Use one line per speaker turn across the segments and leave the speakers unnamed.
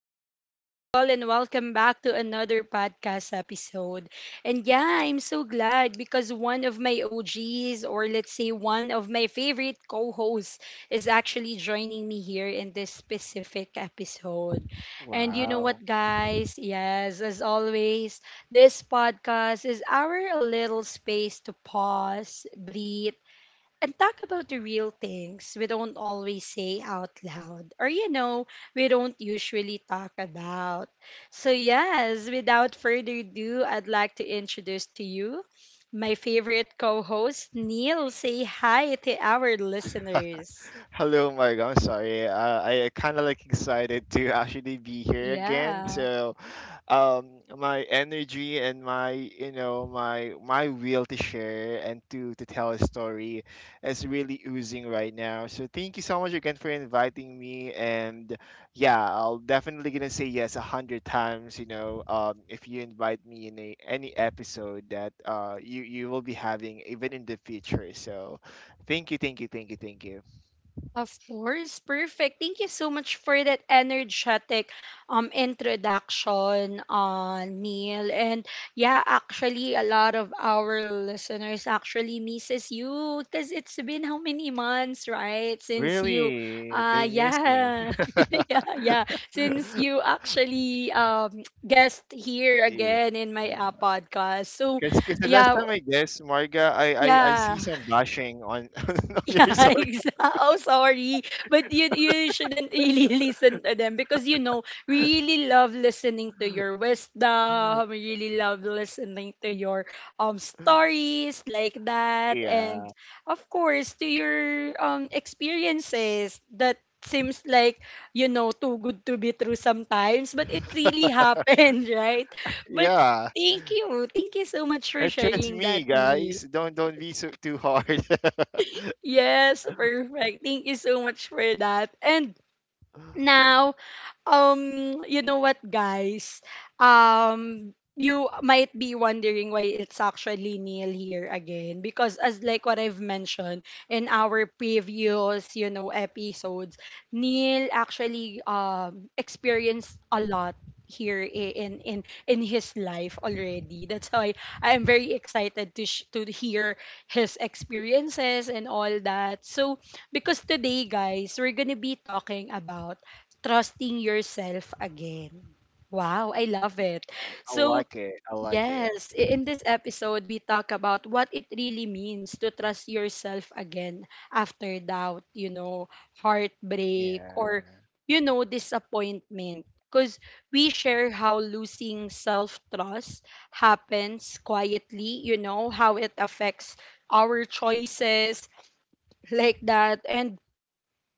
beautiful people, and welcome back to another podcast episode. And yeah, I'm so glad because one of my OGs, or let's say one of my favorite co hosts, is actually joining me here in this specific episode. And you know
Wow.
what, guys? Yes, as always, this podcast is our little space to pause, breathe, and talk about the real things we don't always say out loud, or we don't usually talk about. So yes, without further ado, I'd like to introduce to you my favorite co-host, Neil. Say hi to our listeners.
Hello, Marg. I'm sorry. I kind of like excited to actually be here again.
Yeah.
So, my energy and my, you know, my will to share and to tell a story is really oozing right now. So, thank you so much again for inviting me. And yeah, I'll definitely gonna say yes a hundred times. If you invite me in any episode that you will be having even in the future. So, thank you, thank you, thank you, thank you.
Of course, perfect. Thank you so much for that energetic introduction, Neil. And yeah, actually, a lot of our listeners actually misses you because it's been how many months, right? Since you,
Really, they miss me.
yeah, yeah, yeah, since you actually guest here
Yeah.
again in my podcast. So
Cause the last
yeah,
time I guess Marga, I see
yeah.
some bashing on on your
Yeah,
side.
exactly. Oh, sorry. But you shouldn't really listen to them because you know, we really love listening to your wisdom, we really love listening to your stories like that, and
Yeah,
of course to your experiences that seems like, you know, too good to be true sometimes, but it really happened, right? But
yeah.
thank you. Thank you so much for
Trust
sharing
me,
that, Neil.
guys. Don't be so too hard.
Yes, perfect. Thank you so much for that. And now, you know what, guys? You might be wondering why it's actually Neil here again, because as like what I've mentioned in our previous, you know, episodes, Neil actually experienced a lot here in his life already. That's why I am very excited to hear his experiences and all that. So, because today, guys, we're gonna be talking about trusting yourself again. Wow, I love it.
I
So,
like it. I like it.
yes, in this episode, we talk about what it really means to trust yourself again after doubt, you know, heartbreak, or,
Yeah.
you know, disappointment. Because we share how losing self trust happens quietly, you know, how it affects our choices like that. And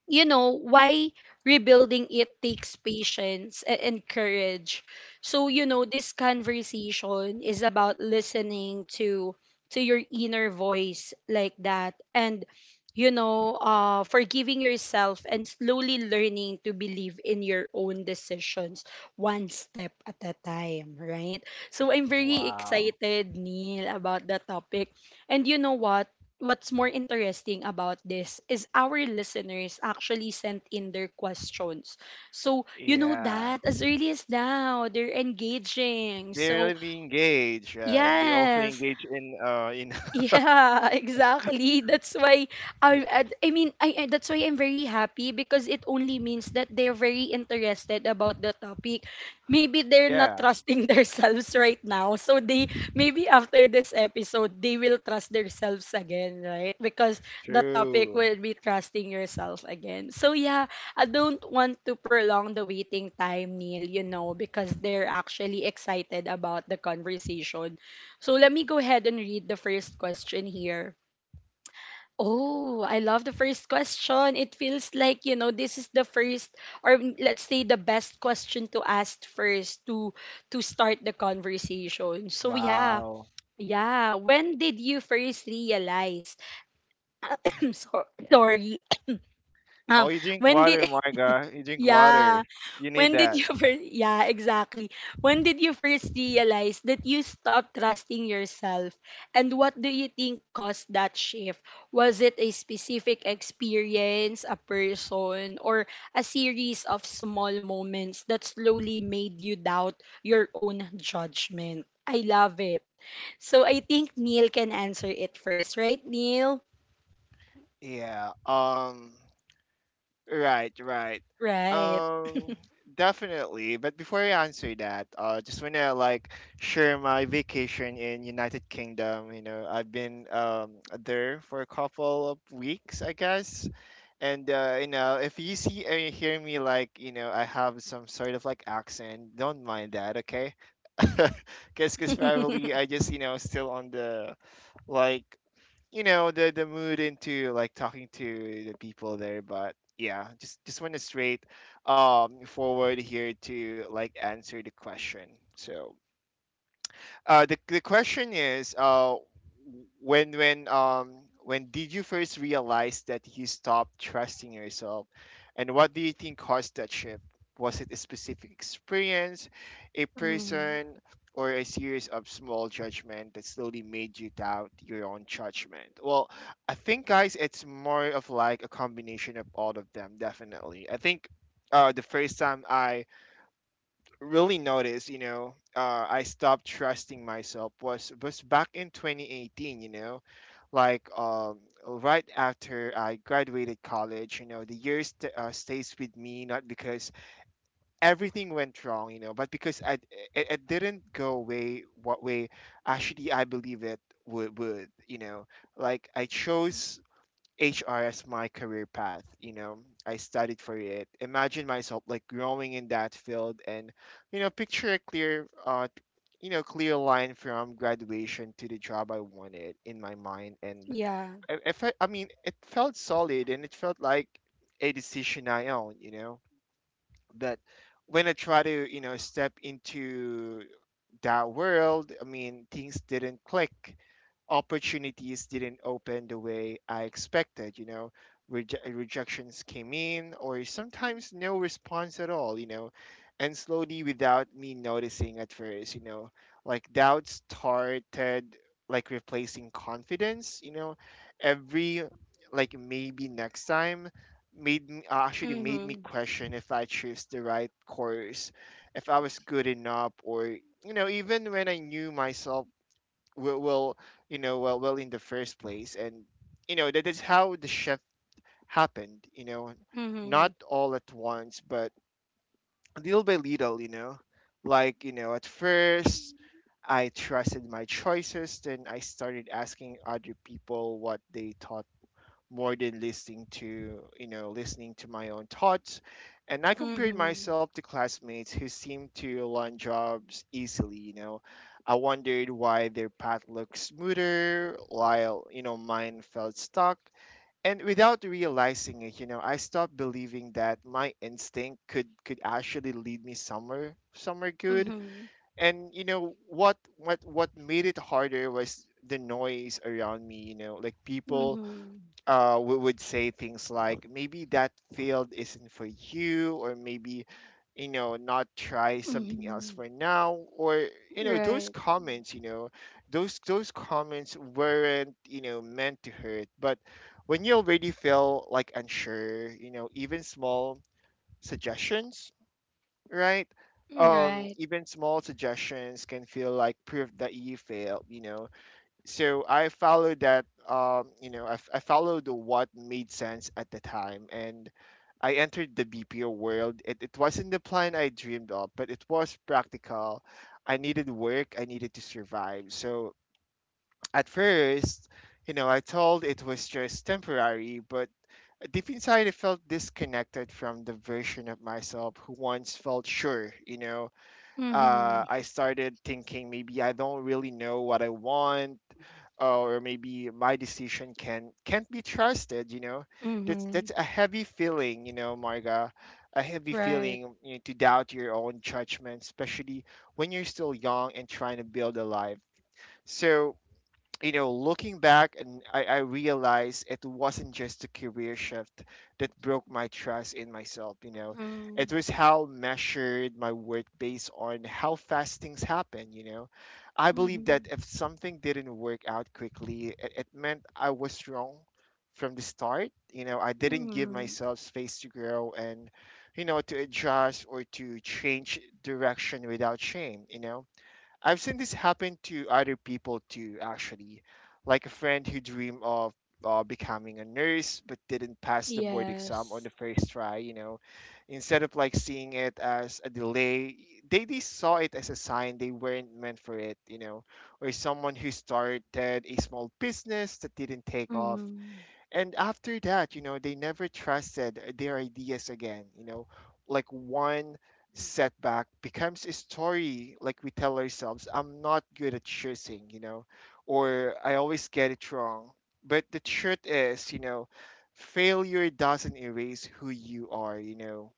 you know why rebuilding it takes patience and courage. So you know, this conversation is about listening to your inner voice like that, and you know, forgiving yourself and slowly learning to believe in your own decisions one step at a time, right? So I'm very
Wow.
excited, Neil, about the topic. And you know what, what's more interesting about this is our listeners actually sent in their questions. So, you know
Yeah.
that as early as now, they're engaging.
They're
So,
really engaged, and they also
yes,
engage in
yeah, exactly. That's why I I I mean I I- that's why I'm very happy, because it only means that they're very interested about the topic. Maybe they're not
yeah.
trusting themselves right now. So they, maybe after this episode, they will trust themselves again, right? Because the topic
True.
will be trusting yourself again. So yeah, I don't want to prolong the waiting time, Neil, you know, because they're actually excited about the conversation. So let me go ahead and read the first question here. Oh, I love the first question. It feels like, you know, this is the first, let's say the best question to ask first to start the conversation. So yeah.
Wow.
Yeah, when did you first realize? So, sorry.
Oh,
Um,
you drink
when did
water, Marga. You drink water.
yeah,
You need
when did
that.
you first, yeah, exactly. When did you first realize that you stopped trusting yourself? And what do you think caused that shift? Was it a specific experience, a person, or a series of small moments that slowly made you doubt your own judgment? I love it. So I think Neil can answer it first, right, Neil?
Yeah. Right. Right.
Right.
Um. Definitely. But before I answer that, just wanna like share my vacation in United Kingdom. You know, I've been there for a couple of weeks, I guess. And you know, if you see and hear me like, you know, I have some sort of like accent, don't mind that, okay? Cause probably I just you know still on the like you know the mood into like talking to the people there, but yeah, just went straight forward here to like answer the question. So the question is, when when um when did you first realize that you stopped trusting yourself, and what do you think caused that shift? Was it a specific experience, a
Mm,
person, or a series of small judgment that slowly made you doubt your own judgment? Well, I think guys, it's more of like a combination of all of them. Definitely, I think. The first time I really noticed, you know, I stopped trusting myself was back in 2018, you know, like um, right after I graduated college, you know, the years stays with me not because everything went wrong, you know, but because it didn't go way what way actually I believe it would, you know, like I chose HR as my career path. You know, I studied for it. Imagine myself like growing in that field, and you know, picture a clear, clear line from graduation to the job I wanted in my mind. And
yeah.
I- if I, I mean, it felt solid, and it felt like a decision I own. You know, but when I try to, you know, step into that world, I mean, things didn't click. Opportunities didn't open the way I expected, you know. Rejections came in, or sometimes no response at all, you know, and slowly without me noticing at first, you know, like doubt started like replacing confidence, you know, every like maybe next time made me actually made me
Mm-hmm.
question if I chose the right course, if I was good enough, or you know, even when I knew myself well, well you know, in the first place, and you know, that is how the shift happened. You know,
Mm-hmm.
not all at once, but little by little. You know, like you know, at first. I trusted my choices, then I started asking other people what they thought more than listening to you know listening to my own thoughts, and I compared
Mm-hmm.
myself to classmates who seemed to land jobs easily, you know, I wondered why their path looked smoother while you know mine felt stuck, and without realizing it, you know, I stopped believing that my instinct could actually lead me somewhere good.
Mhm.
And you know what made it harder was the noise around me, you know, like people
Mhm.
we would say things like maybe that field isn't for you, or maybe you know not try something
Mhm.
else for now, or you know
Right.
those comments, you know, those comments weren't you know meant to hurt, but when you already feel like unsure, you know, even small suggestions, right.
Right.
Even small suggestions can feel like proof that you failed, you know, so I followed that. I followed what made sense at the time, and I entered the BPO world. It wasn't the plan I dreamed of, but it was practical. I needed work. I needed to survive. So at first, you know, I told it was just temporary, but deep inside, I felt disconnected from the version of myself who once felt sure. You know,
Mhm.
I started thinking maybe I don't really know what I want, or maybe my decision can't be trusted. You know, that's
Mhm.
that's a heavy feeling. You know, Marga, a heavy
Right.
feeling, you know, to doubt your own judgment, especially when you're still young and trying to build a life. So you know, looking back, and I realized it wasn't just a career shift that broke my trust in myself. You know,
Mhm.
it was how measured my work based on how fast things happen. You know, I believe that
Mhm.
if something didn't work out quickly, it meant I was wrong from the start. You know, I didn't give
Mhm.
myself space to grow, and, you know, to adjust or to change direction without shame. You know, I've seen this happen to other people too, actually, like a friend who dreamed of becoming a nurse but didn't pass the board exam on
Yes.
the first try. You know, instead of like seeing it as a delay, they saw it as a sign they weren't meant for it. You know, or someone who started a small business that didn't take off,
Mhm.
and after that, you know, they never trusted their ideas again. You know, like one setback becomes a story like we tell ourselves, I'm not good at choosing, you know, or I always get it wrong. But the truth is, you know, failure doesn't erase who you are, you know,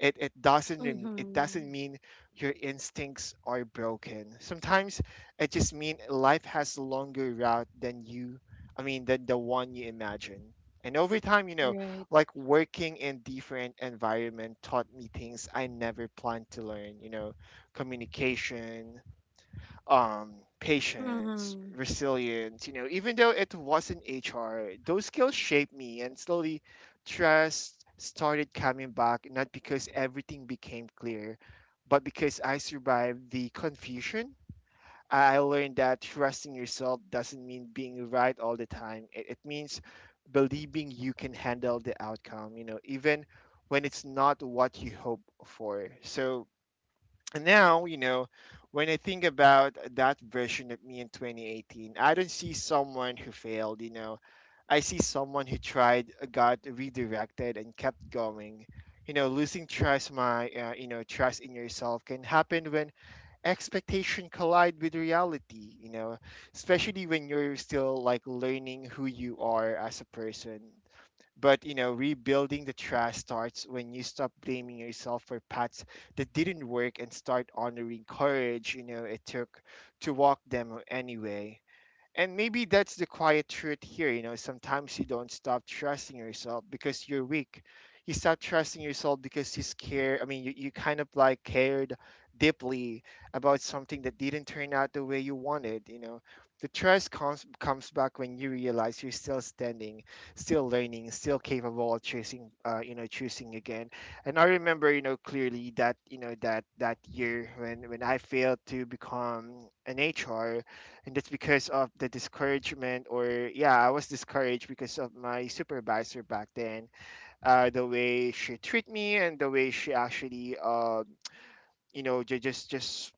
it doesn't rem- it doesn't
Mhm.
mean your instincts are broken. Sometimes it just means life has longer route than you. I mean than the one you imagine. And over time, you know,
Right.
like working in different environment taught me things I never planned to learn. You know, communication, um, patience,
Mhm.
resilience, you know, even though it wasn't HR, those skills shaped me, and slowly trust started coming back, not because everything became clear, but because I survived the confusion. I learned that trusting yourself doesn't mean being right all the time. It means believing you can handle the outcome, you know, even when it's not what you hope for. So, and now, you know, when I think about that version of me in 2018, I don't see someone who failed, you know. I see someone who tried, got redirected, and kept going. You know, losing trust, you know, trust in yourself can happen when expectation collide with reality, you know, especially when you're still like learning who you are as a person. But you know, rebuilding the trust starts when you stop blaming yourself for paths that didn't work and start honoring courage. You know, it took to walk them anyway. And maybe that's the quiet truth here. You know, sometimes you don't stop trusting yourself because you're weak. You stop trusting yourself because you scared. I mean, you kind of like cared deeply about something that didn't turn out the way you wanted. You know, the trust comes back when you realize you're still standing, still learning, still capable of choosing. You know, choosing again. And I remember, you know, clearly that you know that that year when I failed to become an HR, and that's because of the discouragement, or yeah I was discouraged because of my supervisor back then. The way she treated me, and the way she actually you know just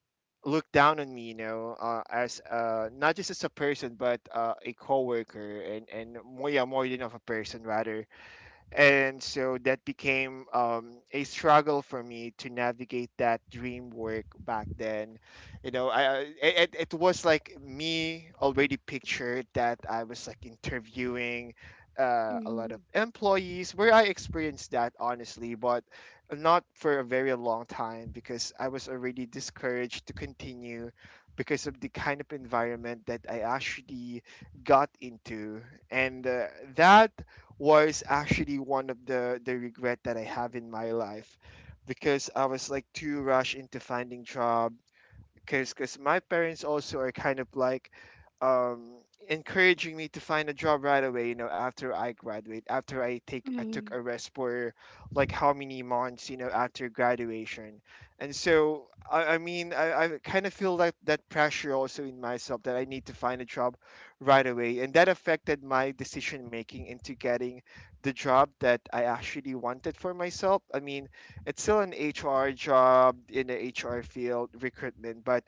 looked down on me, you know, as not just as a person but a coworker, and more, yeah, more than of a person rather. And so that became a struggle for me to navigate that dream work back then. You know, it was like me already pictured that I was like interviewing a lot
Mhm.
of employees, where I experienced that honestly, but not for a very long time because I was already discouraged to continue because of the kind of environment that I actually got into. And that was actually one of the regret that I have in my life because I was like too rushed into finding job because my parents also are kind of like um, encouraging me to find a job right away. You know, after I graduate, after I took
Mhm.
a rest for like how many months, you know, after graduation, and so I kind of feel like that pressure also in myself that I need to find a job right away, and that affected my decision making into getting the job that I actually wanted for myself. I mean, it's still an HR job in the HR field recruitment, but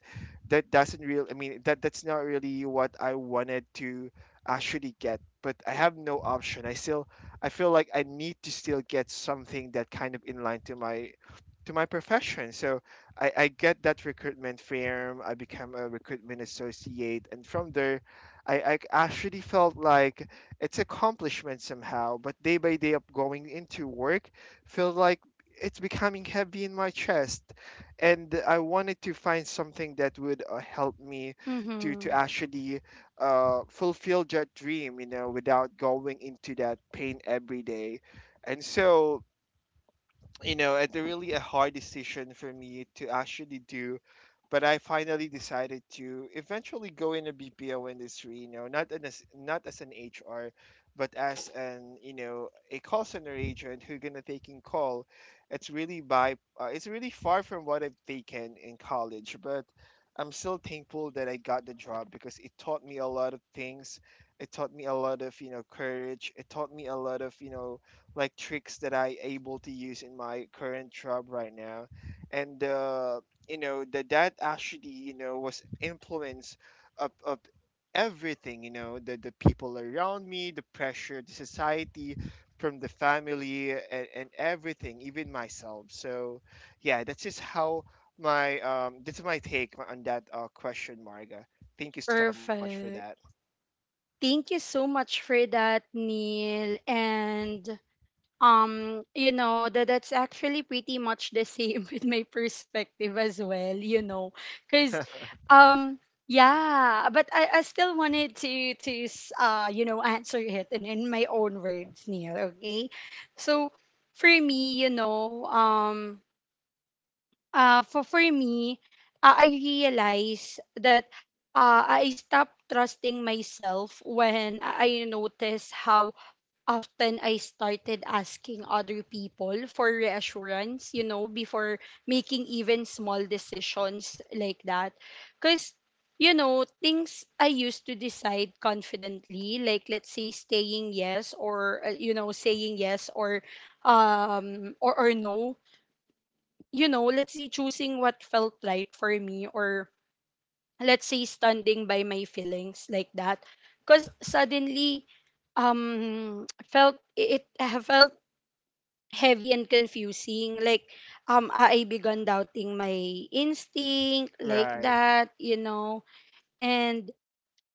that doesn't really that's not really what I wanted to actually get, but I have no option. I still I feel like I need to still get something that kind of inline to my profession. So I get that recruitment firm. I become a recruitment associate, and from there I actually felt like it's accomplishment somehow. But day by day of going into work felt like it's becoming heavy in my chest, and I wanted to find something that would help me to
Mhm.
actually fulfill that dream, you know, without going into that pain every day. And so you know, it's really a hard decision for me to actually do. But I finally decided to eventually go in the BPO industry, you know, not as an HR, but as an you know a call center agent who gonna taking call. It's really by it's really far from what I've taken in college, but I'm still thankful that I got the job because it taught me a lot of things. It taught me a lot of you know courage. It taught me a lot of you know like tricks that I able to use in my current job right now, and you know that that actually you know was influence of everything, you know, the people around me, the pressure, the society, from the family and everything, even myself. So yeah, that's just how my that's my take on that question, Marga. Thank you so much for that.
Perfect. Thank you so much for that, Neil. And you know, that that's actually pretty much the same with my perspective as well, you know. Cause um yeah, but I still wanted to you know, answer it in my own words, Neil, okay? So for me, you know, for me, I realize that I stopped trusting myself when I noticed how often I started asking other people for reassurance, you know, before making even small decisions like that. Because, you know, things I used to decide confidently, like let's say staying yes, or, you know, saying yes, or no, you know, let's say choosing what felt right for me, or let's say standing by my feelings like that, because suddenly felt it I felt heavy and confusing. Like, I began doubting my instinct like
Right,
that, you know, and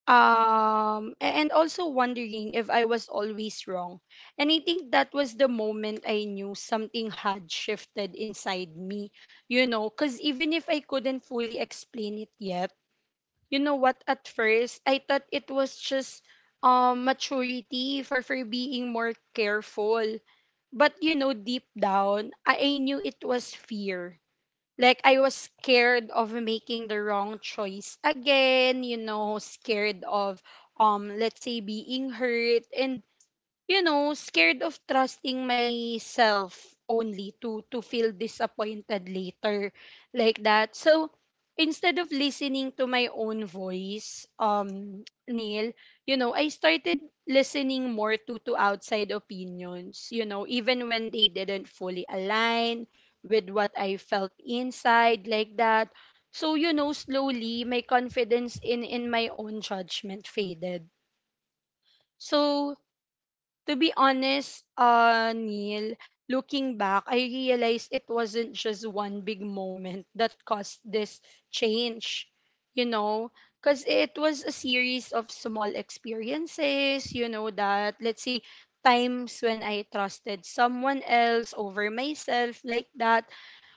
and also wondering if I was always wrong. And I think that was the moment I knew something had shifted inside me, you know, because even if I couldn't fully explain it yet. You know what, at first I thought it was just, maturity for being more careful. But you know, deep down, I knew it was fear. Like, I was scared of making the wrong choice again, you know, scared of, let's say, being hurt, and you know, scared of trusting myself only to feel disappointed later like that. So instead of listening to my own voice, Neil, you know, I started listening more to outside opinions, you know, even when they didn't fully align with what I felt inside like that. So, you know, slowly my confidence in my own judgment faded. So, to be honest, Neil, looking back, I realized it wasn't just one big moment that caused this change, you know, because it was a series of small experiences, you know, that, let's say, times when I trusted someone else over myself like that,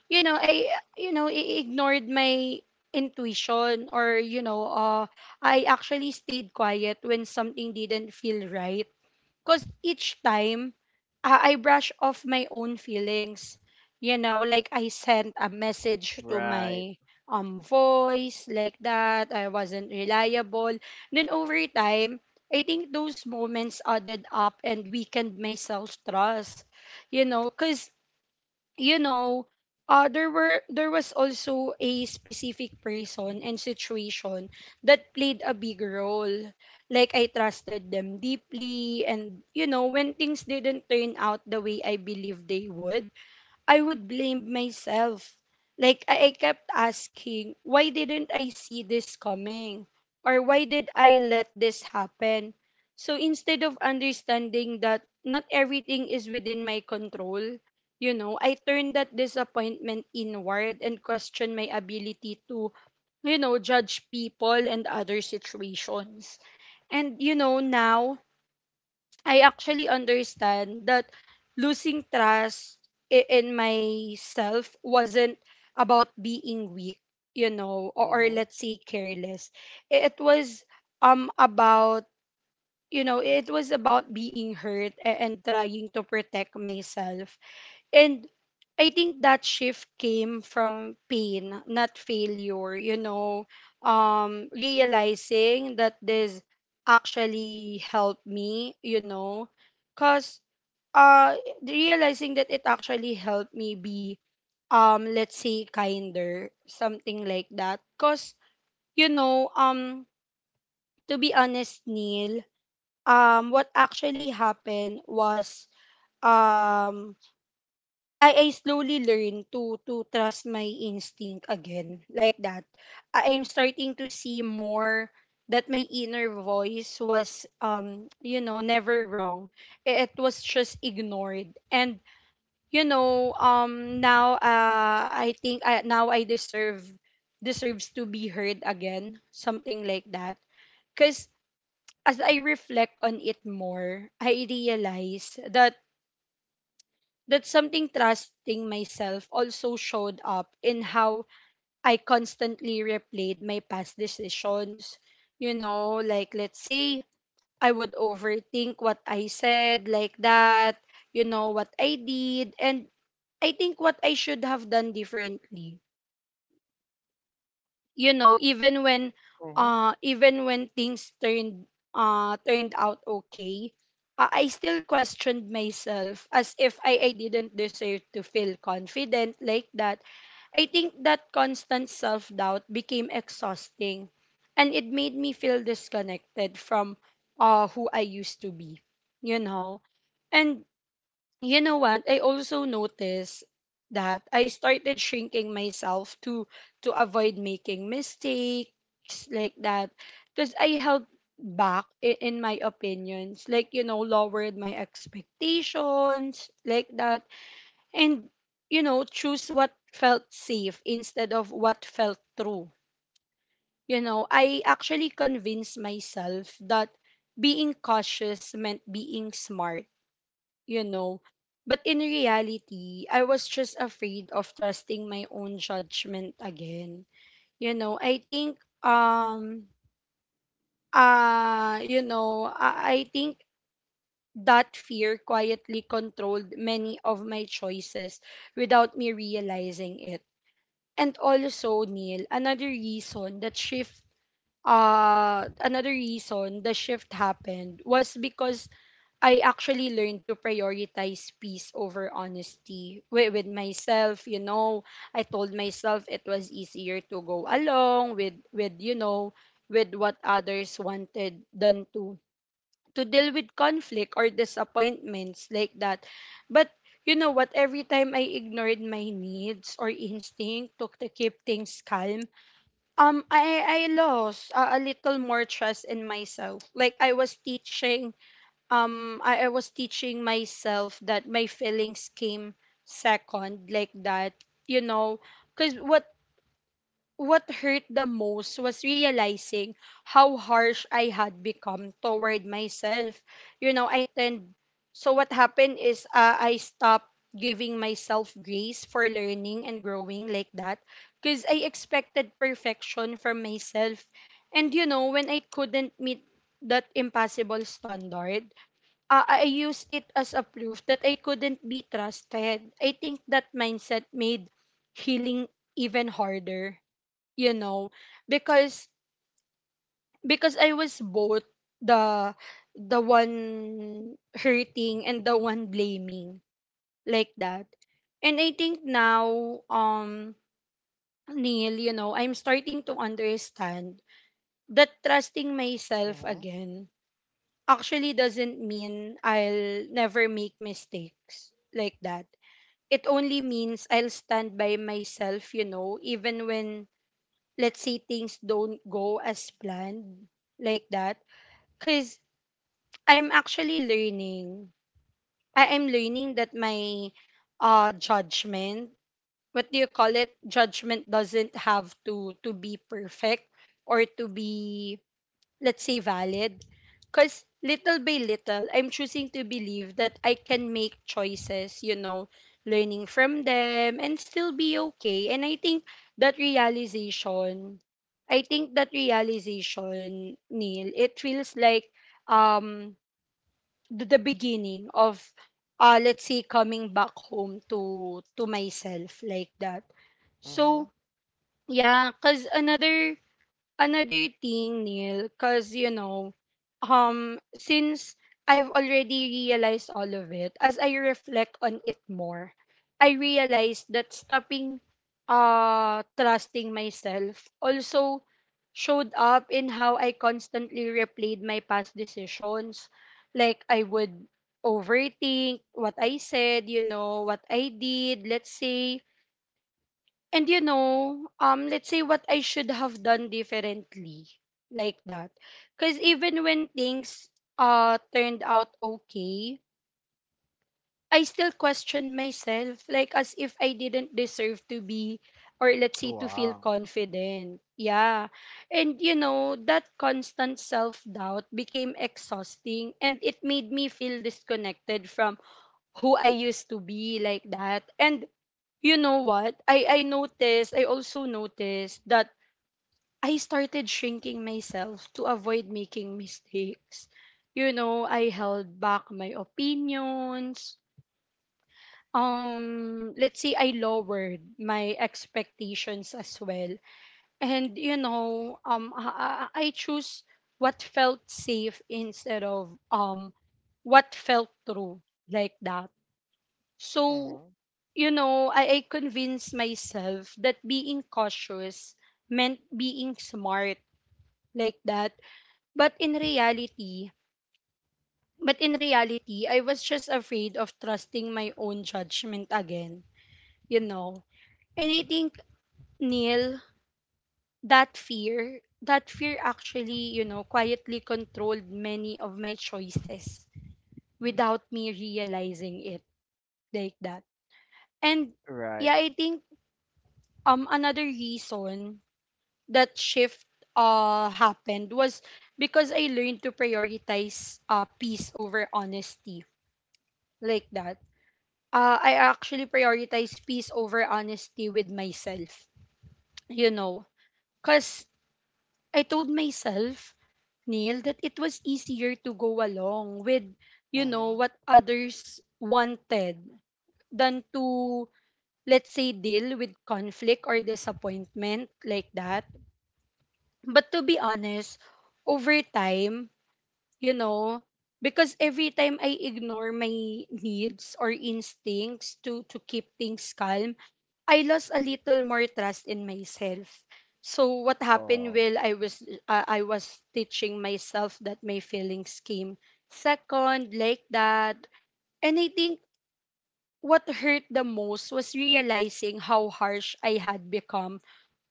you know, you know, I ignored my intuition, or, you know, I actually stayed quiet when something didn't feel right, because each time I brush off my own feelings, you know, like I sent a message to
right.
my voice like that. I wasn't reliable. Then over time, I think those moments added up and weakened my self trust, you know, because you know, there was also a specific person and situation that played a big role. Like, I trusted them deeply, and you know, when things didn't turn out the way I believed they would, I would blame myself. Like, I kept asking, why didn't I see this coming? Or why did I let this happen? So instead of understanding that not everything is within my control, you know, I turned that disappointment inward and questioned my ability to, you know, judge people and other situations. And, you know, now I actually understand that losing trust in myself wasn't about being weak, you know, or
Mm-hmm,
let's say careless. It was about, you know, it was about being hurt and trying to protect myself, and I think that shift came from pain, not failure, you know, realizing that this actually helped me, you know, because uh, realizing that it actually helped me be, let's say, kinder, something like that. Because, you know, to be honest, Neil, what actually happened was, um, I slowly learn to trust my instinct again like that. I'm starting to see more that my inner voice was, you know, never wrong. It was just ignored. And you know, now, now I deserve deserves to be heard again, something like that. Cuz as I reflect on it more, I realize that that something trusting myself also showed up in how I constantly replayed my past decisions. You know, like let's say I would overthink what I said, like that, you know, what I did, and I think what I should have done differently, you know,
mm-hmm,
even when things turned out okay, I still questioned myself as if I didn't deserve to feel confident like that. I think that constant self-doubt became exhausting, and it made me feel disconnected from who I used to be, you know. And you know what? I also noticed that I started shrinking myself to avoid making mistakes like that, because I held back in my opinions, like you know, lowered my expectations like that, and you know, choose what felt safe instead of what felt true. You know, I actually convinced myself that being cautious meant being smart, you know. But in reality, I was just afraid of trusting my own judgment again. You know, I think you know, I think that fear quietly controlled many of my choices without me realizing it. And also, Neil, another reason the shift happened was because I actually learned to prioritize peace over honesty with myself. You know, I told myself it was easier to go along with you know with what others wanted than to deal with conflict or disappointments, like that. But you know what? Every time I ignored my needs or instinct to keep things calm, I lost a little more trust in myself. Like I was teaching I was teaching myself that my feelings came second, like that. you know because what hurt the most was realizing how harsh I had become toward myself. You know I tend So what happened is, I stopped giving myself grace for learning and growing, like that, because I expected perfection from myself. And you know, when I couldn't meet that impossible standard, I use it as a proof that I couldn't be trusted. I think that mindset made healing even harder, you know, because I was both the the one hurting and the one blaming, like that. And I think now, Neil, you know, I'm starting to understand that trusting myself
mm-hmm,
again actually doesn't mean I'll never make mistakes, like that. It only means I'll stand by myself, you know, even when, let's say, things don't go as planned, like that. Because I'm actually learning. I am learning that my judgment, what do you call it? Judgment doesn't have to be perfect or to be, let's say, valid, because little by little I'm choosing to believe that I can make choices, you know, learning from them and still be okay. And I think that realization, Neil, it feels like um the beginning of, let's say, coming back home to myself, like that.
mm-hmm.
So yeah, cuz another thing, Neil, because, you know, since I've already realized all of it, as I reflect on it more, I realized that stopping, trusting myself also showed up in how I constantly replayed my past decisions. Like, I would overthink what I said, you know, what I did, let's say. Let's say what I should have done differently, like that. Because even when things turned out okay, I still questioned myself, like as if I didn't deserve to be, or let's say to feel
Wow.
confident. Yeah, and you know, that constant self doubt became exhausting, and it made me feel disconnected from who I used to be, like that. And you know what? I also noticed that I started shrinking myself to avoid making mistakes. You know, I held back my opinions. Let's say I lowered my expectations as well. And you know, I choose what felt safe instead of what felt true, like that. So
Mm-hmm.
you know, I convinced myself that being cautious meant being smart, like that. But in reality, but in reality, I was just afraid of trusting my own judgment again, you know. And I think, Neil, that fear, actually, you know, quietly controlled many of my choices without me realizing it, like that. And
Right.
yeah, I think another reason that shift happened was because I learned to prioritize peace over honesty, like that. I actually prioritize peace over honesty with myself, you know, cause I told myself, Neil, that it was easier to go along with, you know,
Mm-hmm.
what others wanted than to let's say, deal with conflict or disappointment, like that. But to be honest, over time, you know, because every time I ignore my needs or instincts to keep things calm, I lost a little more trust in myself. So what happened
Oh,
while I was, I was teaching myself that my feelings came second, like that. And I think what hurt the most was realizing how harsh I had become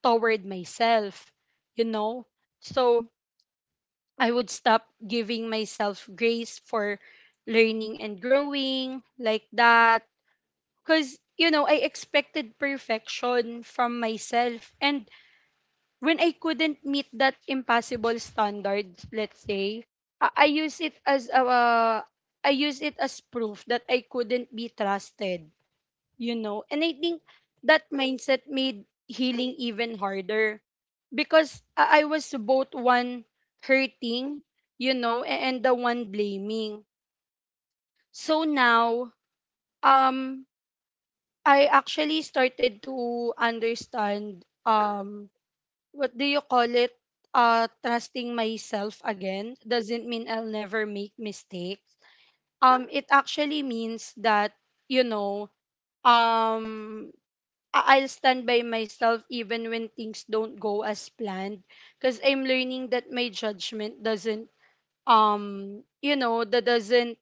toward myself, you know. So I would stop giving myself grace for learning and growing, like that. Because, you know, I expected perfection from myself. And when I couldn't meet that impossible standard, let's say, I, I use it as a, uh, I use it as proof that I couldn't be trusted, you know. And I think that mindset made healing even harder, because I was both one hurting, you know, and the one blaming. So now, um, I actually started to understand, what do you call it? Trusting myself again doesn't mean I'll never make mistakes. It actually means that, you know, um, I'll stand by myself even when things don't go as planned, because I'm learning that my judgment doesn't, you know that doesn't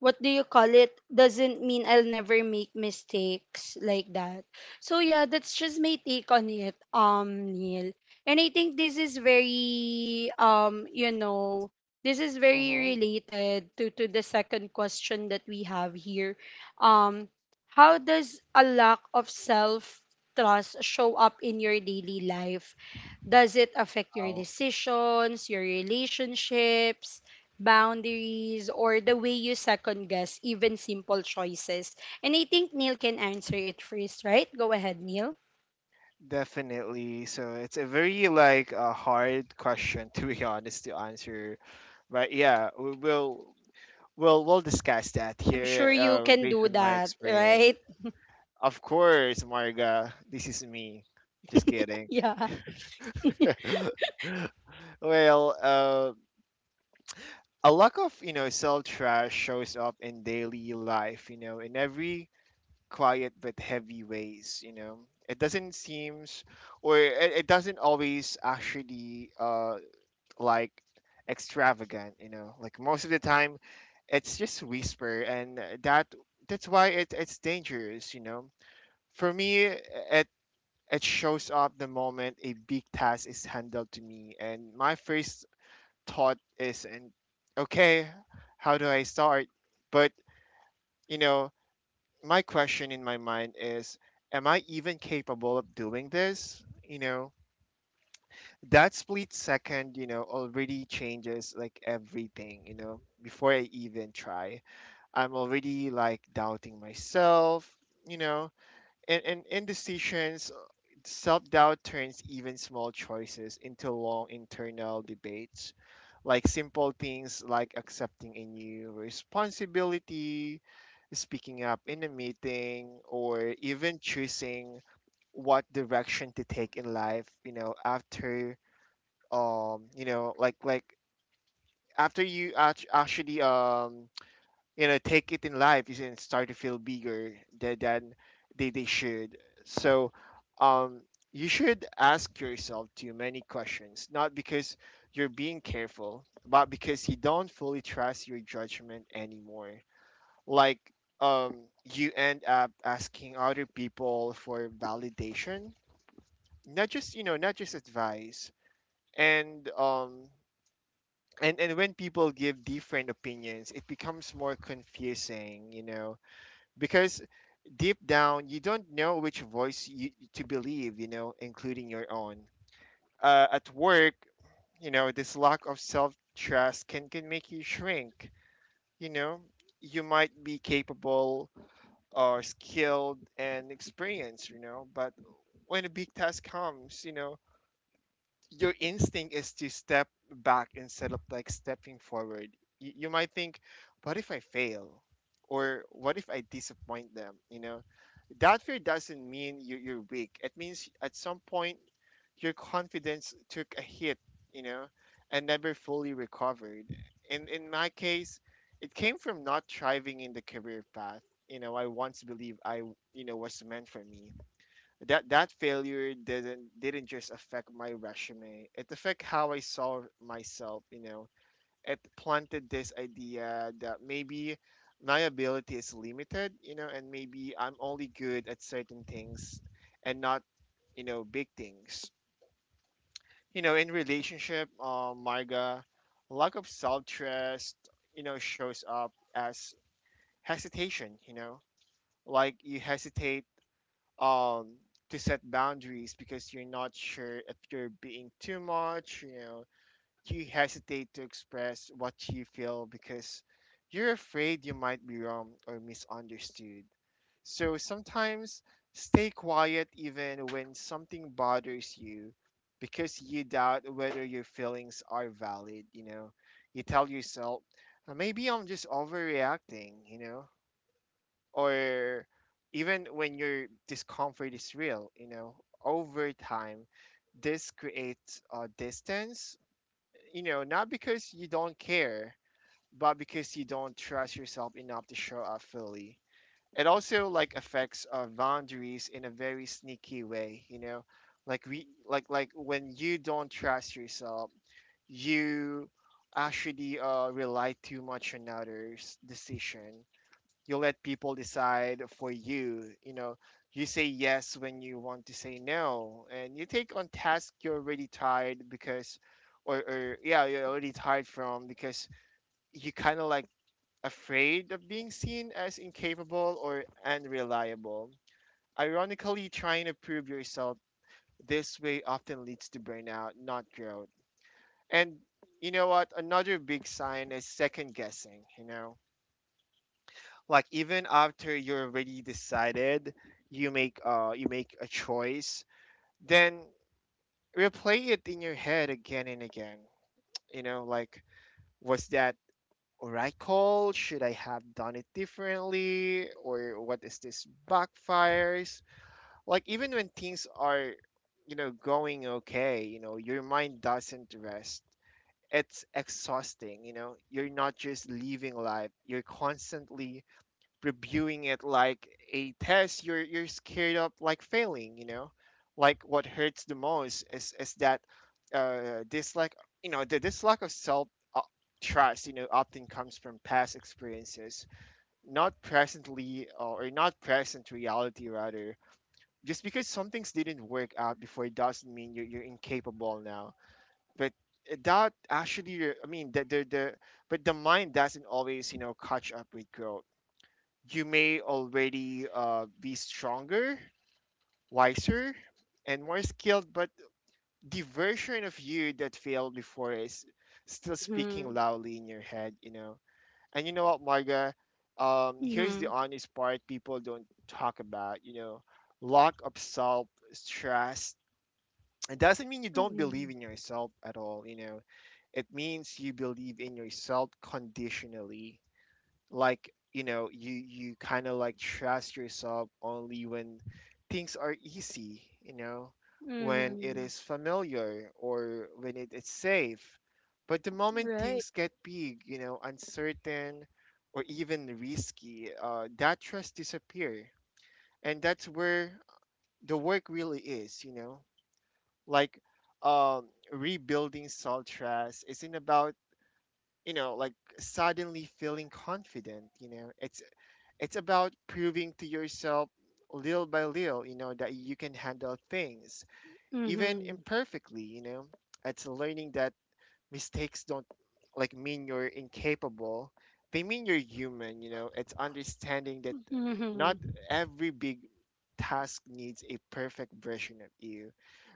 what do you call it, doesn't mean I'll never make mistakes, like that. So yeah, that's just my take on it, Neil. And I think this is very, this is very
mm-hmm,
related to the second question that we have here. um how does a lack of self trust show up in your daily life? Does it affect your
wow.
decisions, your relationships, boundaries, or the way you second guess even simple choices? And I think Neil can answer it first, right? Go ahead, Neil.
Definitely. So it's a very like a hard question to be honest to answer. But yeah, we will we'll discuss that
I'm sure
here
you can
based
do
on my
that,
experience.
right?
Of course, Marga, this is me. Just kidding.
Yeah.
Well, a lack of you know self trust shows up in daily life. You know, in every quiet but heavy ways, you know, it doesn't seems or it doesn't always actually like extravagant, you know, like most of the time it's just whisper, and that that's why it's dangerous, you know. For me it it shows up the moment a big task is handed to me and my first thought is and okay, how do I start? But you know, my question in my mind is am I even capable of doing this, you know? That split second, you know, already changes like everything, you know. Before I even try, I'm already like doubting myself, you know. And indecisions, self-doubt turns even small choices into long internal debates, like simple things like accepting a new responsibility, speaking up in a meeting, or even choosing what direction to take in life, you know, after you know, like after you actually you know, take it in life, you can start to feel bigger than they should. So, um, you should ask yourself too many questions, not because you're being careful, but because you don't fully trust your judgment anymore. Like um you end up asking other people for validation, not just, you know, not just advice. And when people give different opinions, it becomes more confusing, you know, because deep down you don't know which voice you, to believe, you know, including your own. At work, you know, this lack of self trust can make you shrink, you know. You might be capable, are skilled and experienced, you know. But when a big task comes, you know, your instinct is to step back instead of like stepping forward. You might think, what if I fail? Or what if I disappoint them? You know, that fear doesn't mean you're weak. It means at some point your confidence took a hit, you know, and never fully recovered. In my case, it came from not thriving in the career path. You know, I once believed I, you know, was meant for me. That that failure didn't just affect my resume, it affected how I saw myself, you know. It planted this idea that maybe my ability is limited, you know, and maybe I'm only good at certain things and not, you know, big things, you know. In relationship Marga, lack of self-trust, you know, shows up as hesitation, you know, like you hesitate um to set boundaries because you're not sure if you're being too much, you know. You hesitate to express what you feel because you're afraid you might be wrong or misunderstood. So sometimes stay quiet even when something bothers you because you doubt whether your feelings are valid, you know. You tell yourself, Maybe I'm just overreacting, you know, or even when your discomfort is real, you know, over time, this creates a distance, you know, not because you don't care, but because you don't trust yourself enough to show up fully." It also like affects our boundaries in a very sneaky way, you know, like we like when you don't trust yourself, you actually rely too much on others' decision. You let people decide for you, you know. You say yes when you want to say no, and you take on tasks you're already tired because or yeah you're already tired from because you kind of like afraid of being seen as incapable or unreliable. Ironically, trying to prove yourself this way often leads to burnout, not growth. And you know what, another big sign is second guessing, you know, like even after you're already decided, you make a choice, then replay it in your head again and again, you know. Like, was that a right call? Should I have done it differently? Or what is this backfires? Like even when things are, you know, going okay, you know, your mind doesn't rest. It's exhausting, you know. You're not just living life, you're constantly reviewing it like a test. You're scared of like failing, you know. Like what hurts the most is that this like you know this lack of self uh, trust, you know, often comes from past experiences, not presently or not present reality rather. Just because some things didn't work out before doesn't mean you're incapable now. But that actually I mean the but the mind doesn't always, you know, catch up with growth. You may already be stronger, wiser, and more skilled, but the version of you that failed before is still speaking
Mhm.
loudly in your head, you know. And you know what, Marga? Here's the
Mhm.
honest part people don't talk about, you know, lack of self trust. It doesn't mean you don't
Mhm.
believe in yourself at all, you know. It means you believe in yourself conditionally. Like, you know, you kind of like trust yourself only when things are easy, you know, when it
Mhm.
is familiar or when it is safe. But the moment
Right.
things get big, you know, uncertain or even risky, that trust disappear. And that's where the work really is, you know. Like um, rebuilding self trust isn't about, you know, like suddenly feeling confident, you know. It's about proving to yourself little by little, you know, that you can handle things, even
Mhm.
imperfectly, you know. It's learning that mistakes don't like mean you're incapable. They mean you're human, you know. It's understanding that not
Mhm.
every big task needs a perfect version of you.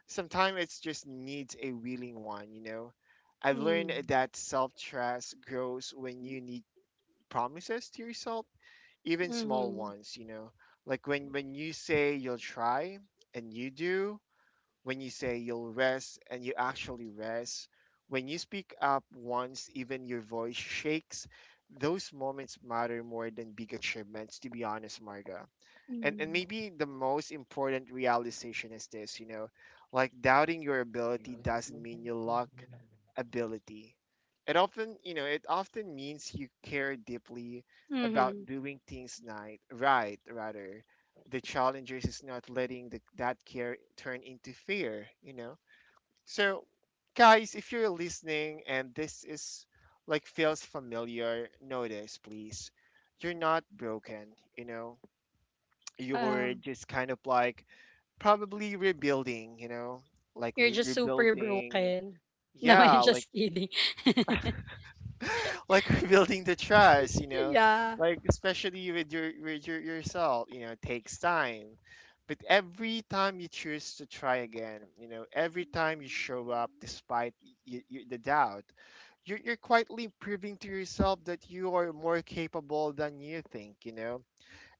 Sometimes it just needs a willing one, you know. I've learned
Mhm.
that self trust grows when you need promises to yourself, even small
Mhm.
ones, you know, like when you say you'll try and you do, when you say you'll rest and you actually rest, when you speak up once even your voice shakes. Those moments matter more than big achievements, to be honest, Marga. And
Mhm.
maybe the most important realization is this, you know, like doubting your ability doesn't mean you luck ability. It often, you know, it often means you care deeply about
Mhm.
doing things night, right, rather. The challengers is not letting that care turn into fear, you know. So, guys, if you're listening and this is like feels familiar, notice please. You're not broken, you know. You're
Ah,
just kind of like probably rebuilding, like
you're just super
rebuilding,
broken. No,
yeah,
I'm
like
just kidding.
like rebuilding the trust,
Yeah.
like especially with your yourself, takes time. But every time you choose to try again, every time you show up despite the doubt, you're quietly proving to yourself that you are more capable than you think,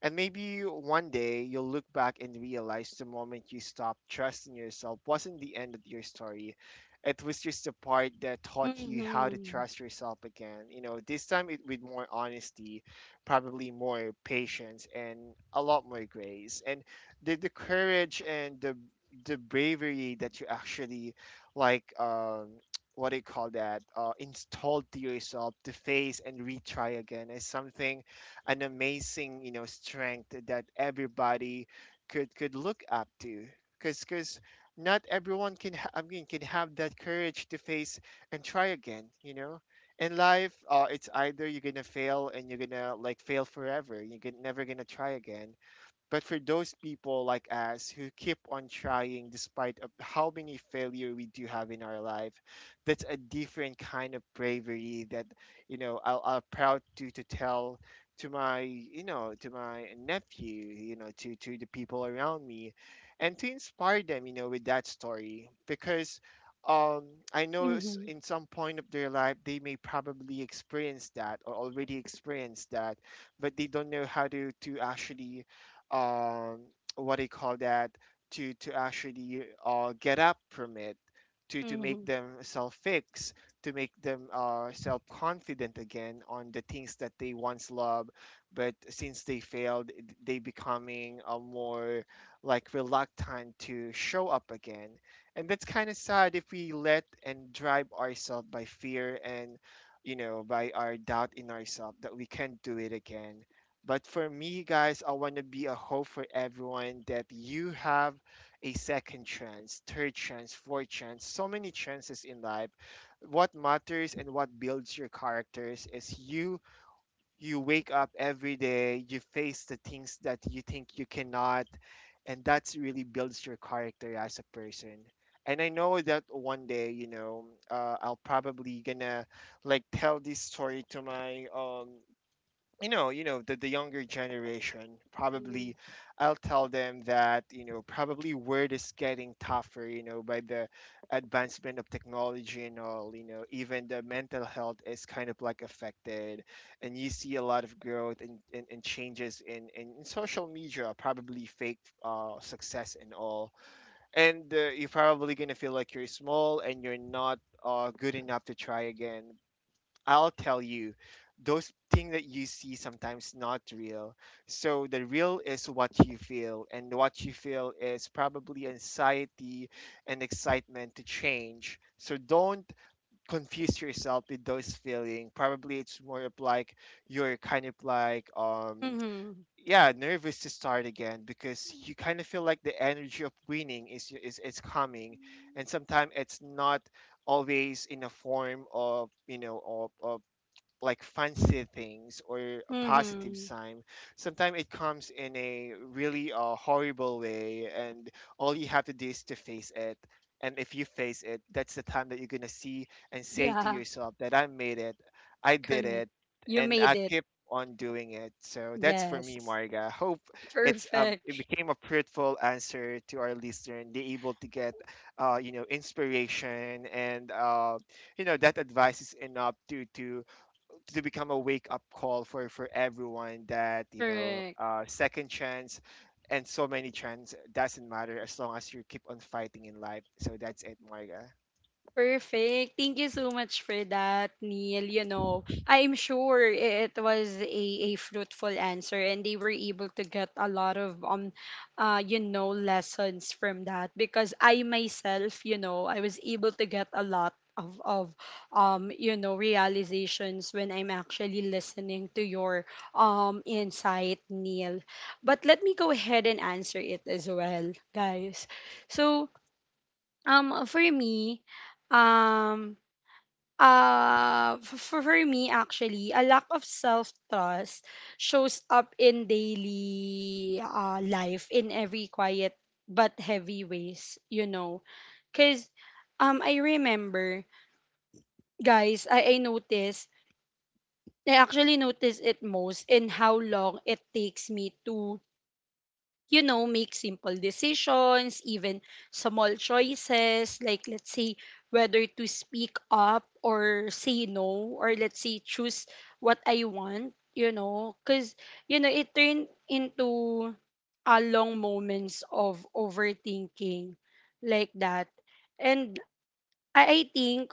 and maybe one day you'll look back and realize the moment you stopped trusting yourself wasn't the end of your story. It was just the part that taught you how to
Mhm.
trust yourself again. You know, this time it with more honesty, probably more patience and a lot more grace. And the courage and the bravery that you actually like what do you call that? Installed to yourself to face and retry again is something an amazing, you know, strength that everybody could look up to. Because not everyone can I mean can have that courage to face and try again. You know, in life, it's either you're gonna fail and you're gonna like fail forever. Never gonna try again, but for those people like us who keep on trying despite of how many failure we do have in our life, that's a different kind of bravery that, you know, I'll proud to tell to my, you know, to my nephew, to the people around me, and to inspire them, with that story because um I know,
Mhm.
in some point of their life they may probably experience that or already experienced that, but they don't know how to actually, um, what do you call that, to actually get up from it, to make
Mhm.
them self fix, to make them self confident again on the things that they once loved, but since they failed they becoming more like reluctant to show up again. And that's kind of sad if we let and drive ourselves by fear and, by our doubt in ourselves that we can't do it again. But for me, guys, I want to be a hope for everyone that you have a second chance, third chance, fourth chance, so many chances in life. What matters and what builds your characters is you, you wake up every day, you face the things that you think you cannot, and that's really builds your character as a person. And I know that one day, I'll probably gonna like tell this story to my, you know, the younger generation. Probably
Mhm.
I'll tell them that, you know, probably word is getting tougher, you know, by the advancement of technology and all, you know, even the mental health is kind of like affected, and you see a lot of growth and, and changes in, in social media, probably fake success and all. And you're probably gonna feel like you're small and you're not good enough to try again. I'll tell you, those things that you see sometimes not real. So the real is what you feel, and what you feel is probably anxiety and excitement to change. So don't confuse yourself with those feeling. Probably it's more of like you're kind of like
Mm-hmm.
yeah, nervous to start again because you kind of feel like the energy of winning is coming, and sometimes it's not always in a form of, like fancy things or a positive
Mm-hmm.
sign. Sometimes it comes in a really horrible way, and all you have to do is to face it, and if you face it, that's the time that you're gonna see and say to
Yeah,
yourself that I made it, I did
correct.
it,
You
and I
made it.
keep on doing it. So that's for me,
Yes.
Marga. Hope it's it
Perfect.
became a fruitful answer to our listener and they're able to get you know, inspiration and you know, that advice is enough to to become a wake up call for everyone, that, you know,
Correct.
second chance and so many chances doesn't matter as long as you keep on fighting in life. So that's it, Marga.
Perfect. Thank you so much for that, Neil. You know, I'm sure it was a fruitful answer and they were able to get a lot of lessons from that, because I myself, you know, I was able to get a lot of realizations when I'm actually listening to your insight, Neil. But let me go ahead and answer it as well, guys. So for me, um, for me actually, a lack of self-trust shows up in daily life in every quiet but heavy ways, you know. Cause I remember, guys, I actually noticed it most in how long it takes me to, you know, make simple decisions, even small choices, like, let's say, whether to speak up or say no, or let's say choose what I want, you know, because, you know, it turned into a long moments of overthinking, like that. And I, I think,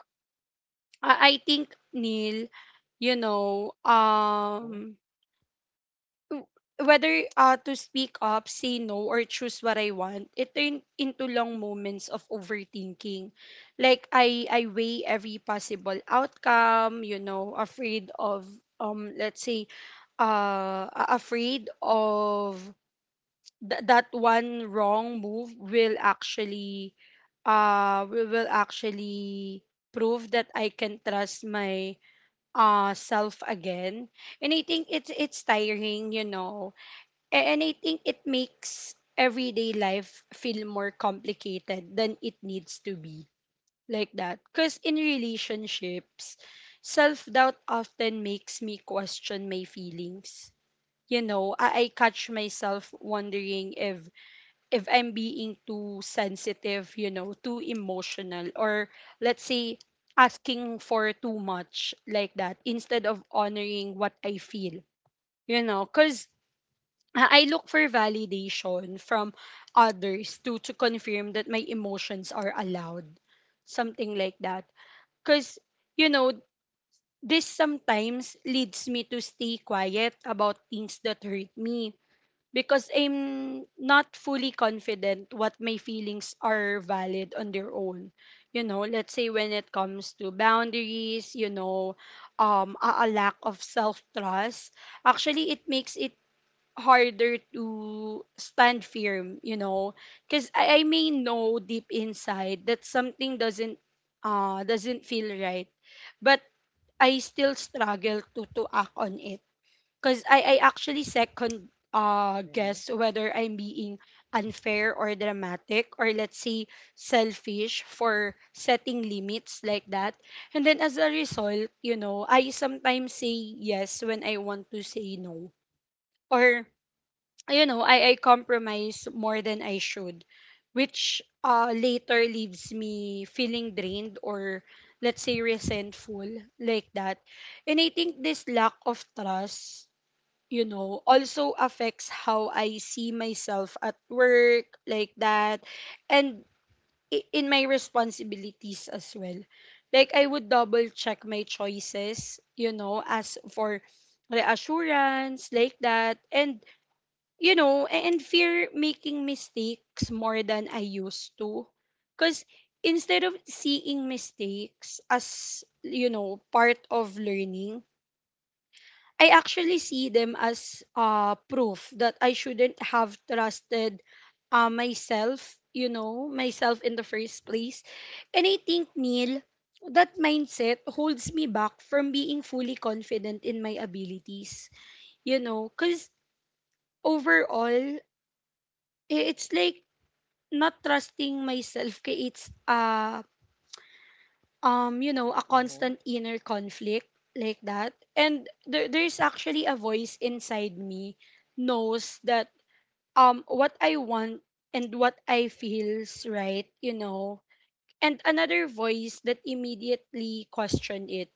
I think, Neil, you know, w- whether, to speak up, say no, or choose what I want, it turned into long moments of overthinking. Like I weigh every possible outcome, you know, afraid of, um let's say afraid of, that one wrong move will actually, will actually prove that I can trust my self again. And I think it's, tiring, you know. And I think it makes everyday life feel more complicated than it needs to be, like that. Because in relationships, self doubt often makes me question my feelings. You know, I catch myself wondering if, I'm being too sensitive, you know, too emotional, or let's say asking for too much, like that, instead of honoring what I feel. You know, because I look for validation from others to confirm that my emotions are allowed, something like that. Cuz you know, this sometimes leads me to stay quiet about things that hurt me, because I'm not fully confident what my feelings are valid on their own. You know, let's say when it comes to boundaries, you know, a lack of self-trust, actually it makes it harder to stand firm, you know, because I may know deep inside that something doesn't, doesn't feel right, but I still struggle to act on it, because I actually second,
Hmm.
guess whether I'm being unfair or dramatic or, let's say, selfish for setting limits, like that. And then as a result, you know, I sometimes say yes when I want to say no. Or you know, I compromise more than I should, which, later leaves me feeling drained or, let's say, resentful, like that. And I think this lack of trust, you know, also affects how I see myself at work, like that, and in my responsibilities as well. Like, I would double check my choices, you know, as for reassurance, like that. And you know, and fear making mistakes more than I used to. Because instead of seeing mistakes as, you know, part of learning, I actually see them as, proof that I shouldn't have trusted, myself in the first place. And I think, Neil, that mindset holds me back from being fully confident in my abilities, you know, because overall, i- it's like not trusting myself creates you know a
Hmm.
constant inner conflict like that. And there's actually a voice inside me knows that what I want and what I feels right, you know, and another voice that immediately question it.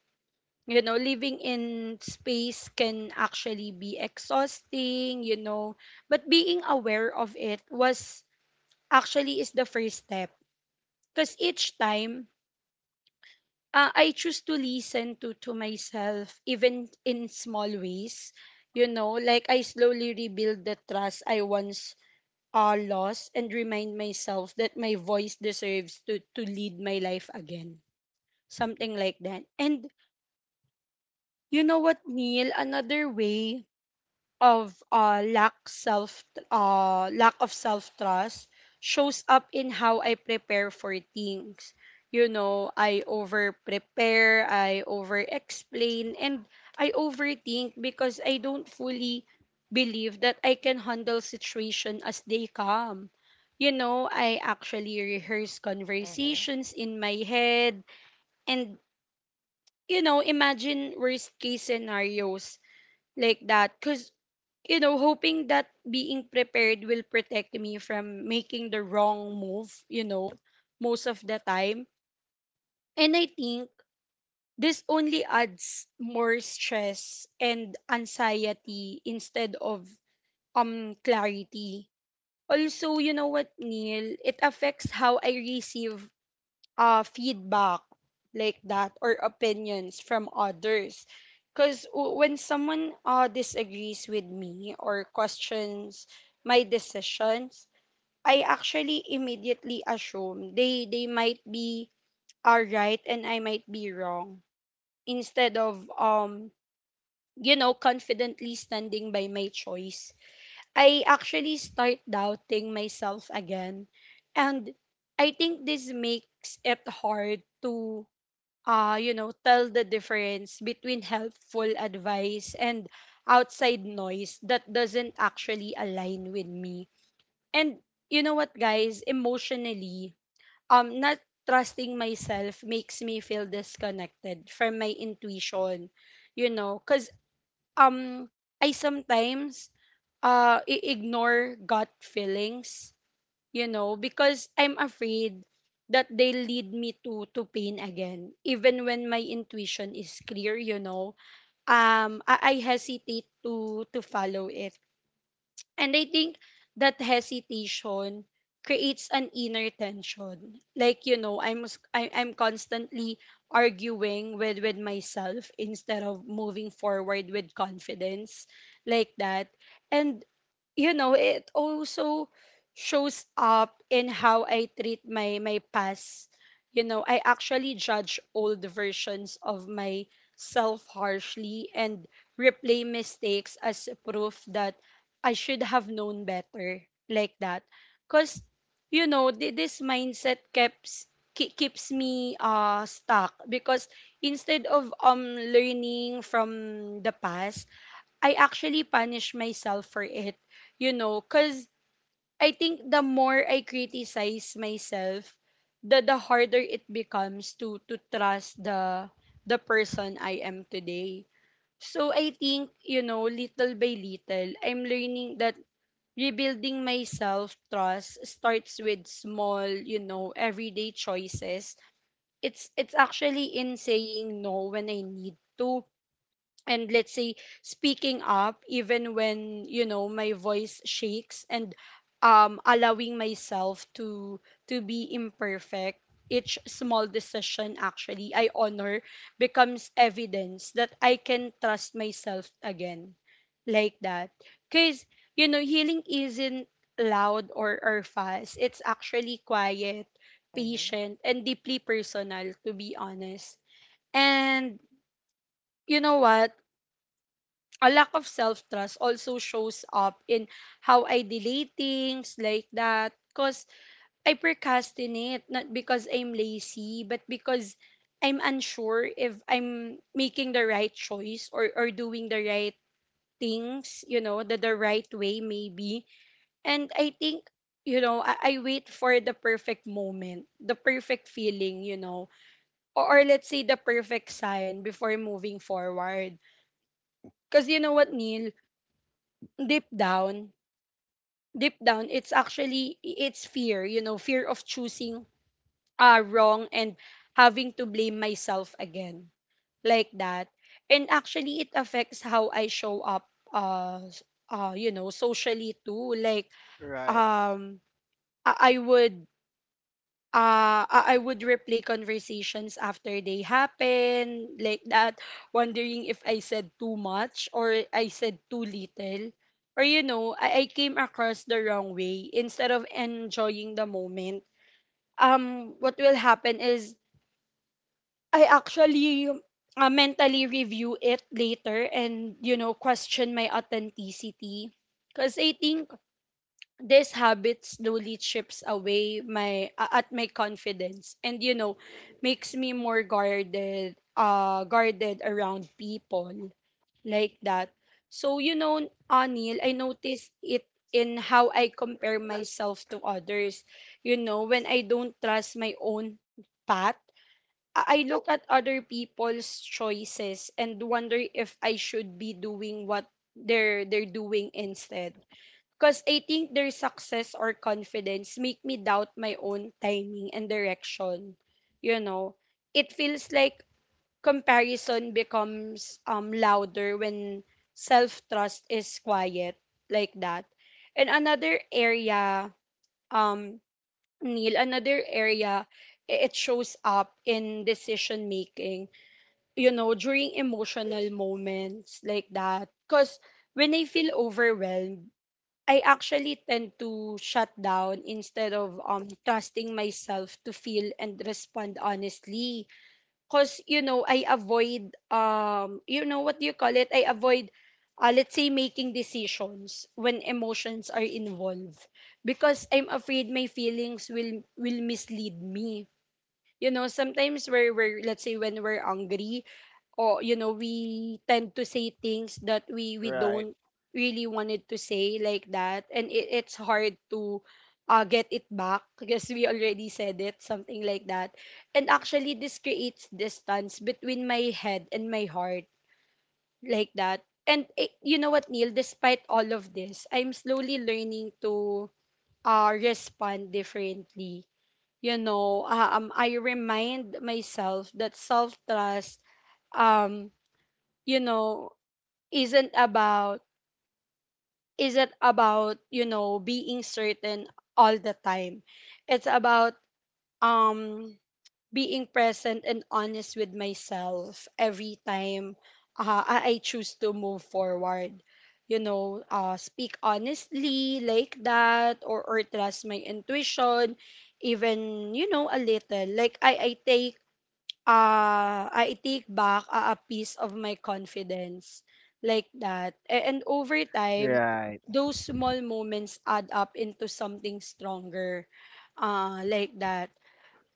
You know, living in space can actually be exhausting, you know, but being aware of it was actually is the first step. Because each time I choose to listen to myself even in small ways. You know, like I slowly rebuild the trust I once lost and remind myself that my voice deserves to lead my life again. Something like that. And you know what, Neil? Another way of lack of self trust shows up in how I prepare for things. You know, I over prepare, I over explain, and I overthink because I don't fully believe that I can handle situation as they come. You know, I actually rehearse
Hmm.
conversations in my head and, you know, imagine worst case scenarios like that. Cause, you know, hoping that being prepared will protect me from making the wrong move, you know, most of the time. And I think this only adds more stress and anxiety instead of clarity. Also, you know what, Neil? It affects how I receive feedback like that or opinions from others. Because when someone disagrees with me or questions my decisions, I actually immediately assume they might be are right and I might be wrong instead of you know confidently standing by my choice. I actually start doubting myself again and I think this makes it hard to you know, tell the difference between helpful advice and outside noise that doesn't actually align with me. And you know what, guys, emotionally, not trusting myself makes me feel disconnected from my intuition, you know, because um, I sometimes ignore gut feelings, you know, because I'm afraid that they lead me to pain again even when my intuition is clear, you know. I hesitate to follow it, and I think that hesitation creates an inner tension. Like, you know, I'm constantly arguing with myself instead of moving forward with confidence like that. And, you know, it also shows up in how I treat my past. You know, I actually judge old versions of myself harshly and replay mistakes as proof that I should have known better, like that. Because, you know, this mindset keeps me stuck. Because instead of learning from the past, I actually punish myself for it, you know. Because I think the more I criticize myself, the harder it becomes to trust the person I am today. So I think, you know, little by little, I'm learning that rebuilding my self-trust starts with small, you know, everyday choices. It's actually in saying no when I need to, and let's say speaking up even when, you know, my voice shakes, and allowing myself to be imperfect. Each small decision actually I honor becomes evidence that I can trust myself again, like that. Because, you know, healing isn't loud or fast. It's actually quiet,
Hmm.
patient, and deeply personal, to be honest. And you know what, a lack of self trust also shows up in how I delay things, like that. Because I procrastinate, not because I'm lazy, but because I'm unsure if I'm making the right choice or doing the right things, you know, the right way, maybe. And I think, you know, I wait for the perfect moment, the perfect feeling, you know, or let's say the perfect sign before moving forward. Because you know what, Neil? Deep down, deep down it's actually it's fear, you know, fear of choosing wrong and having to blame myself again, like that. And actually it affects how I show up you know socially too. Like,
Right,
um i, I would I would replay conversations after they happen, like that, wondering if I said too much or I said too little. Or, you know, I came across the wrong way instead of enjoying the moment. What will happen is I actually mentally review it later and, you know, question my authenticity. Because I think this habit slowly chips away at my confidence, and, you know, makes me more guarded, guarded around people, like that. So, you know, Anil, I noticed it in how I compare myself to others. You know, when I don't trust my own path, I look at other people's choices and wonder if I should be doing what they're doing instead. Because I think their success or confidence make me doubt my own timing and direction. You know, it feels like comparison becomes louder when self-trust is quiet, like that. And another area, um, Neil, another area it shows up in decision making, you know, during emotional moments, like that. Because when I feel overwhelmed, I actually tend to shut down instead of trusting myself to feel and respond honestly. Cause, you know, I avoid, you know what do you call it? I avoid, let's say, making decisions when emotions are involved because I'm afraid my feelings will mislead me. You know, sometimes we're let's say when we're hungry, or, you know, we tend to say things that we
right,
don't really wanted to say, like that. And it's hard to get it back because we already said it, something like that. And actually this creates distance between my head and my heart, like that. And eh, you know what, Neil, despite all of this, I'm slowly learning to respond differently. You know, I remind myself that self trust um you know isn't about isn't about, you know, being certain all the time. It's about um being present and honest with myself. Every time I choose to move forward, you know, speak honestly, like that, or trust my intuition even, you know, a little, like I take back a piece of my confidence, like that. And over time,
right.
those small moments add up into something stronger, like that.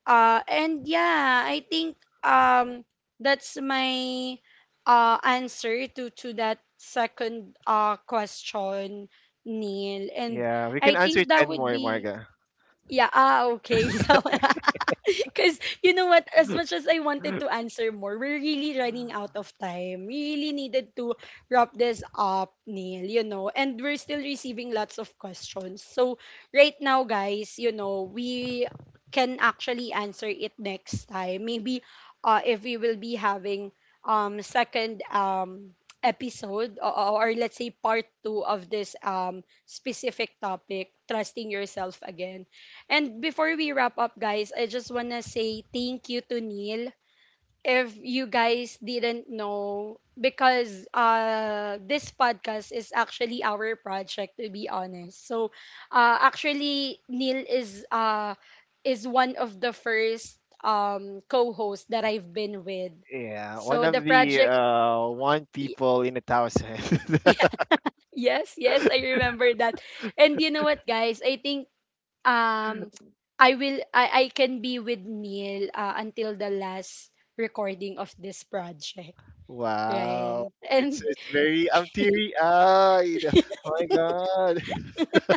And yeah, I think um, that's my answer to that second question, Neil. And
Yeah, we can
I
answer
think that
ten
would
more,
be
Marga.
yeah, ah, okay. So, because you know what, as much as I wanted to answer more, we're really running out of time. We really needed to wrap this up, Neil, you know, and we're still receiving lots of questions. So, right now, guys, you know, we can actually answer it next time. Maybe if we will be having second episode, or let's say, part two of this specific topic, trusting yourself again. And before we wrap up, guys, I just want to say thank you to Neil. If you guys didn't know, because this podcast is actually our project, to be honest. So, actually, Neil is one of the first co-hosts that I've been with.
Yeah, one
So the
of the
project,
one
y-
people in a thousand.
yeah, yes, yes, I remember that. And you know what, guys? I think um I will I can be with Neil until the last recording of this project.
Wow,
Right. And
it's very, I'm teary eyed. Oh my god.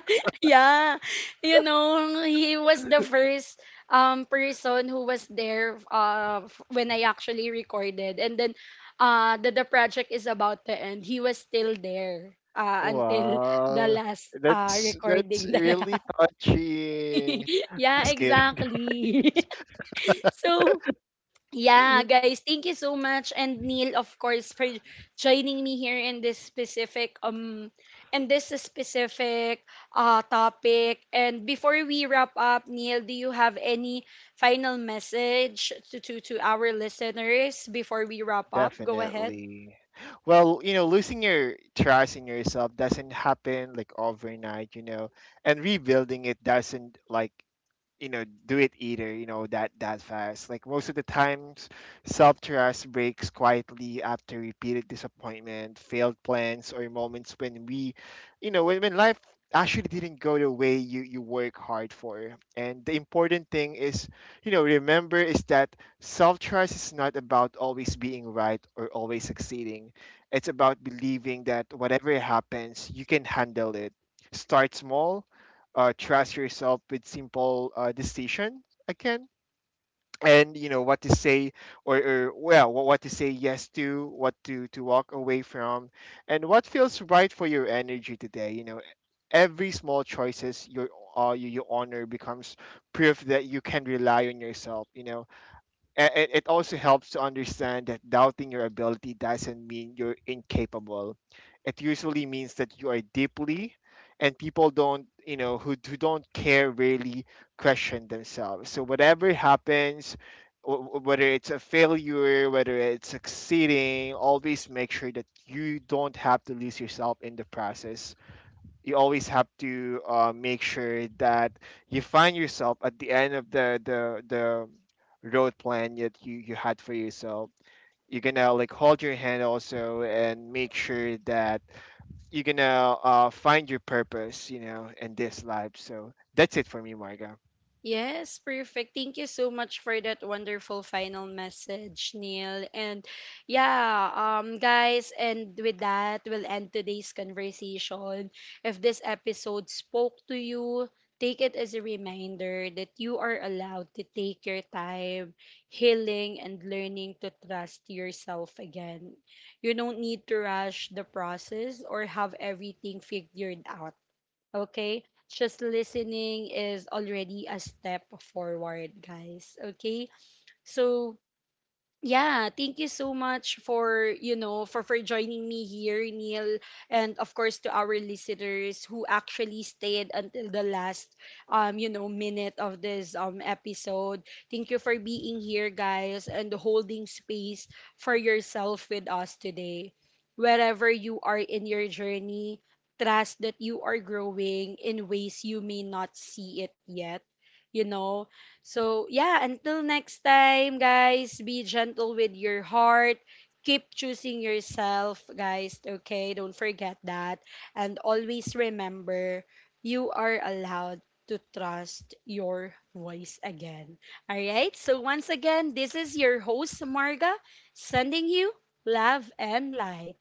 yeah, you know, he was the first person who was there when I actually recorded, and then that the project is about to end. He was still there until the
Wow,
last
that's
recording that I
really
had.
touching.
Yeah,
Just kidding.
exactly. So, yeah, guys, thank you so much, and Neil of course, for joining me here in this specific in this specific topic. And before we wrap up, Neil, do you have any final message to our listeners before we wrap up? Go ahead.
Definitely. Well, you know, losing your trust in yourself doesn't happen like overnight, you know, and rebuilding it doesn't like do it either, you know, that fast. Like most of the times self-trust breaks quietly after repeated disappointment, failed plans, or moments when we, you know, when life actually didn't go the way you work hard for. And the important thing is, you know, remember is that self-trust is not about always being right or always succeeding. It's about believing that whatever happens you can handle it. Start small, trust yourself with simple decision again, and you know what to say, or well, what to say yes to, what to walk away from, and what feels right for your energy today, you know. Every small choices you honor becomes proof that you can rely on yourself, you know. It also helps to understand that doubting your ability doesn't mean you're incapable. It usually means that you are deeply, and people don't, you know, who don't care really question themselves. So whatever happens, whether it's a failure, whether it's succeeding, always make sure that you don't have to lose yourself in the process. You always have to make sure that you find yourself at the end of the road plan that you had for yourself. You're gonna like hold your hand also and make sure that you're gonna find your purpose, you know, in this life. So that's it for me, Marga.
Yes, perfect. Thank you so much for that wonderful final message, Neil. And yeah, guys, and with that we'll end today's conversation. If this episode spoke to you, take it as a reminder that you are allowed to take your time healing and learning to trust yourself again. You don't need to rush the process or have everything figured out. Okay? Just listening is already a step forward, guys. Okay? So, yeah, thank you so much for, you know, for joining me here, Neil, and of course to our listeners who actually stayed until the last you know, minute of this episode. Thank you for being here, guys, and holding space for yourself with us today. Wherever you are in your journey, trust that you are growing in ways you may not see it yet. You know, so, yeah, until next time, guys, be gentle with your heart. Keep choosing yourself, guys, okay? Don't forget that. And always remember, you are allowed to trust your voice again. All right? So, once again, this is your host, Marga, sending you love and light.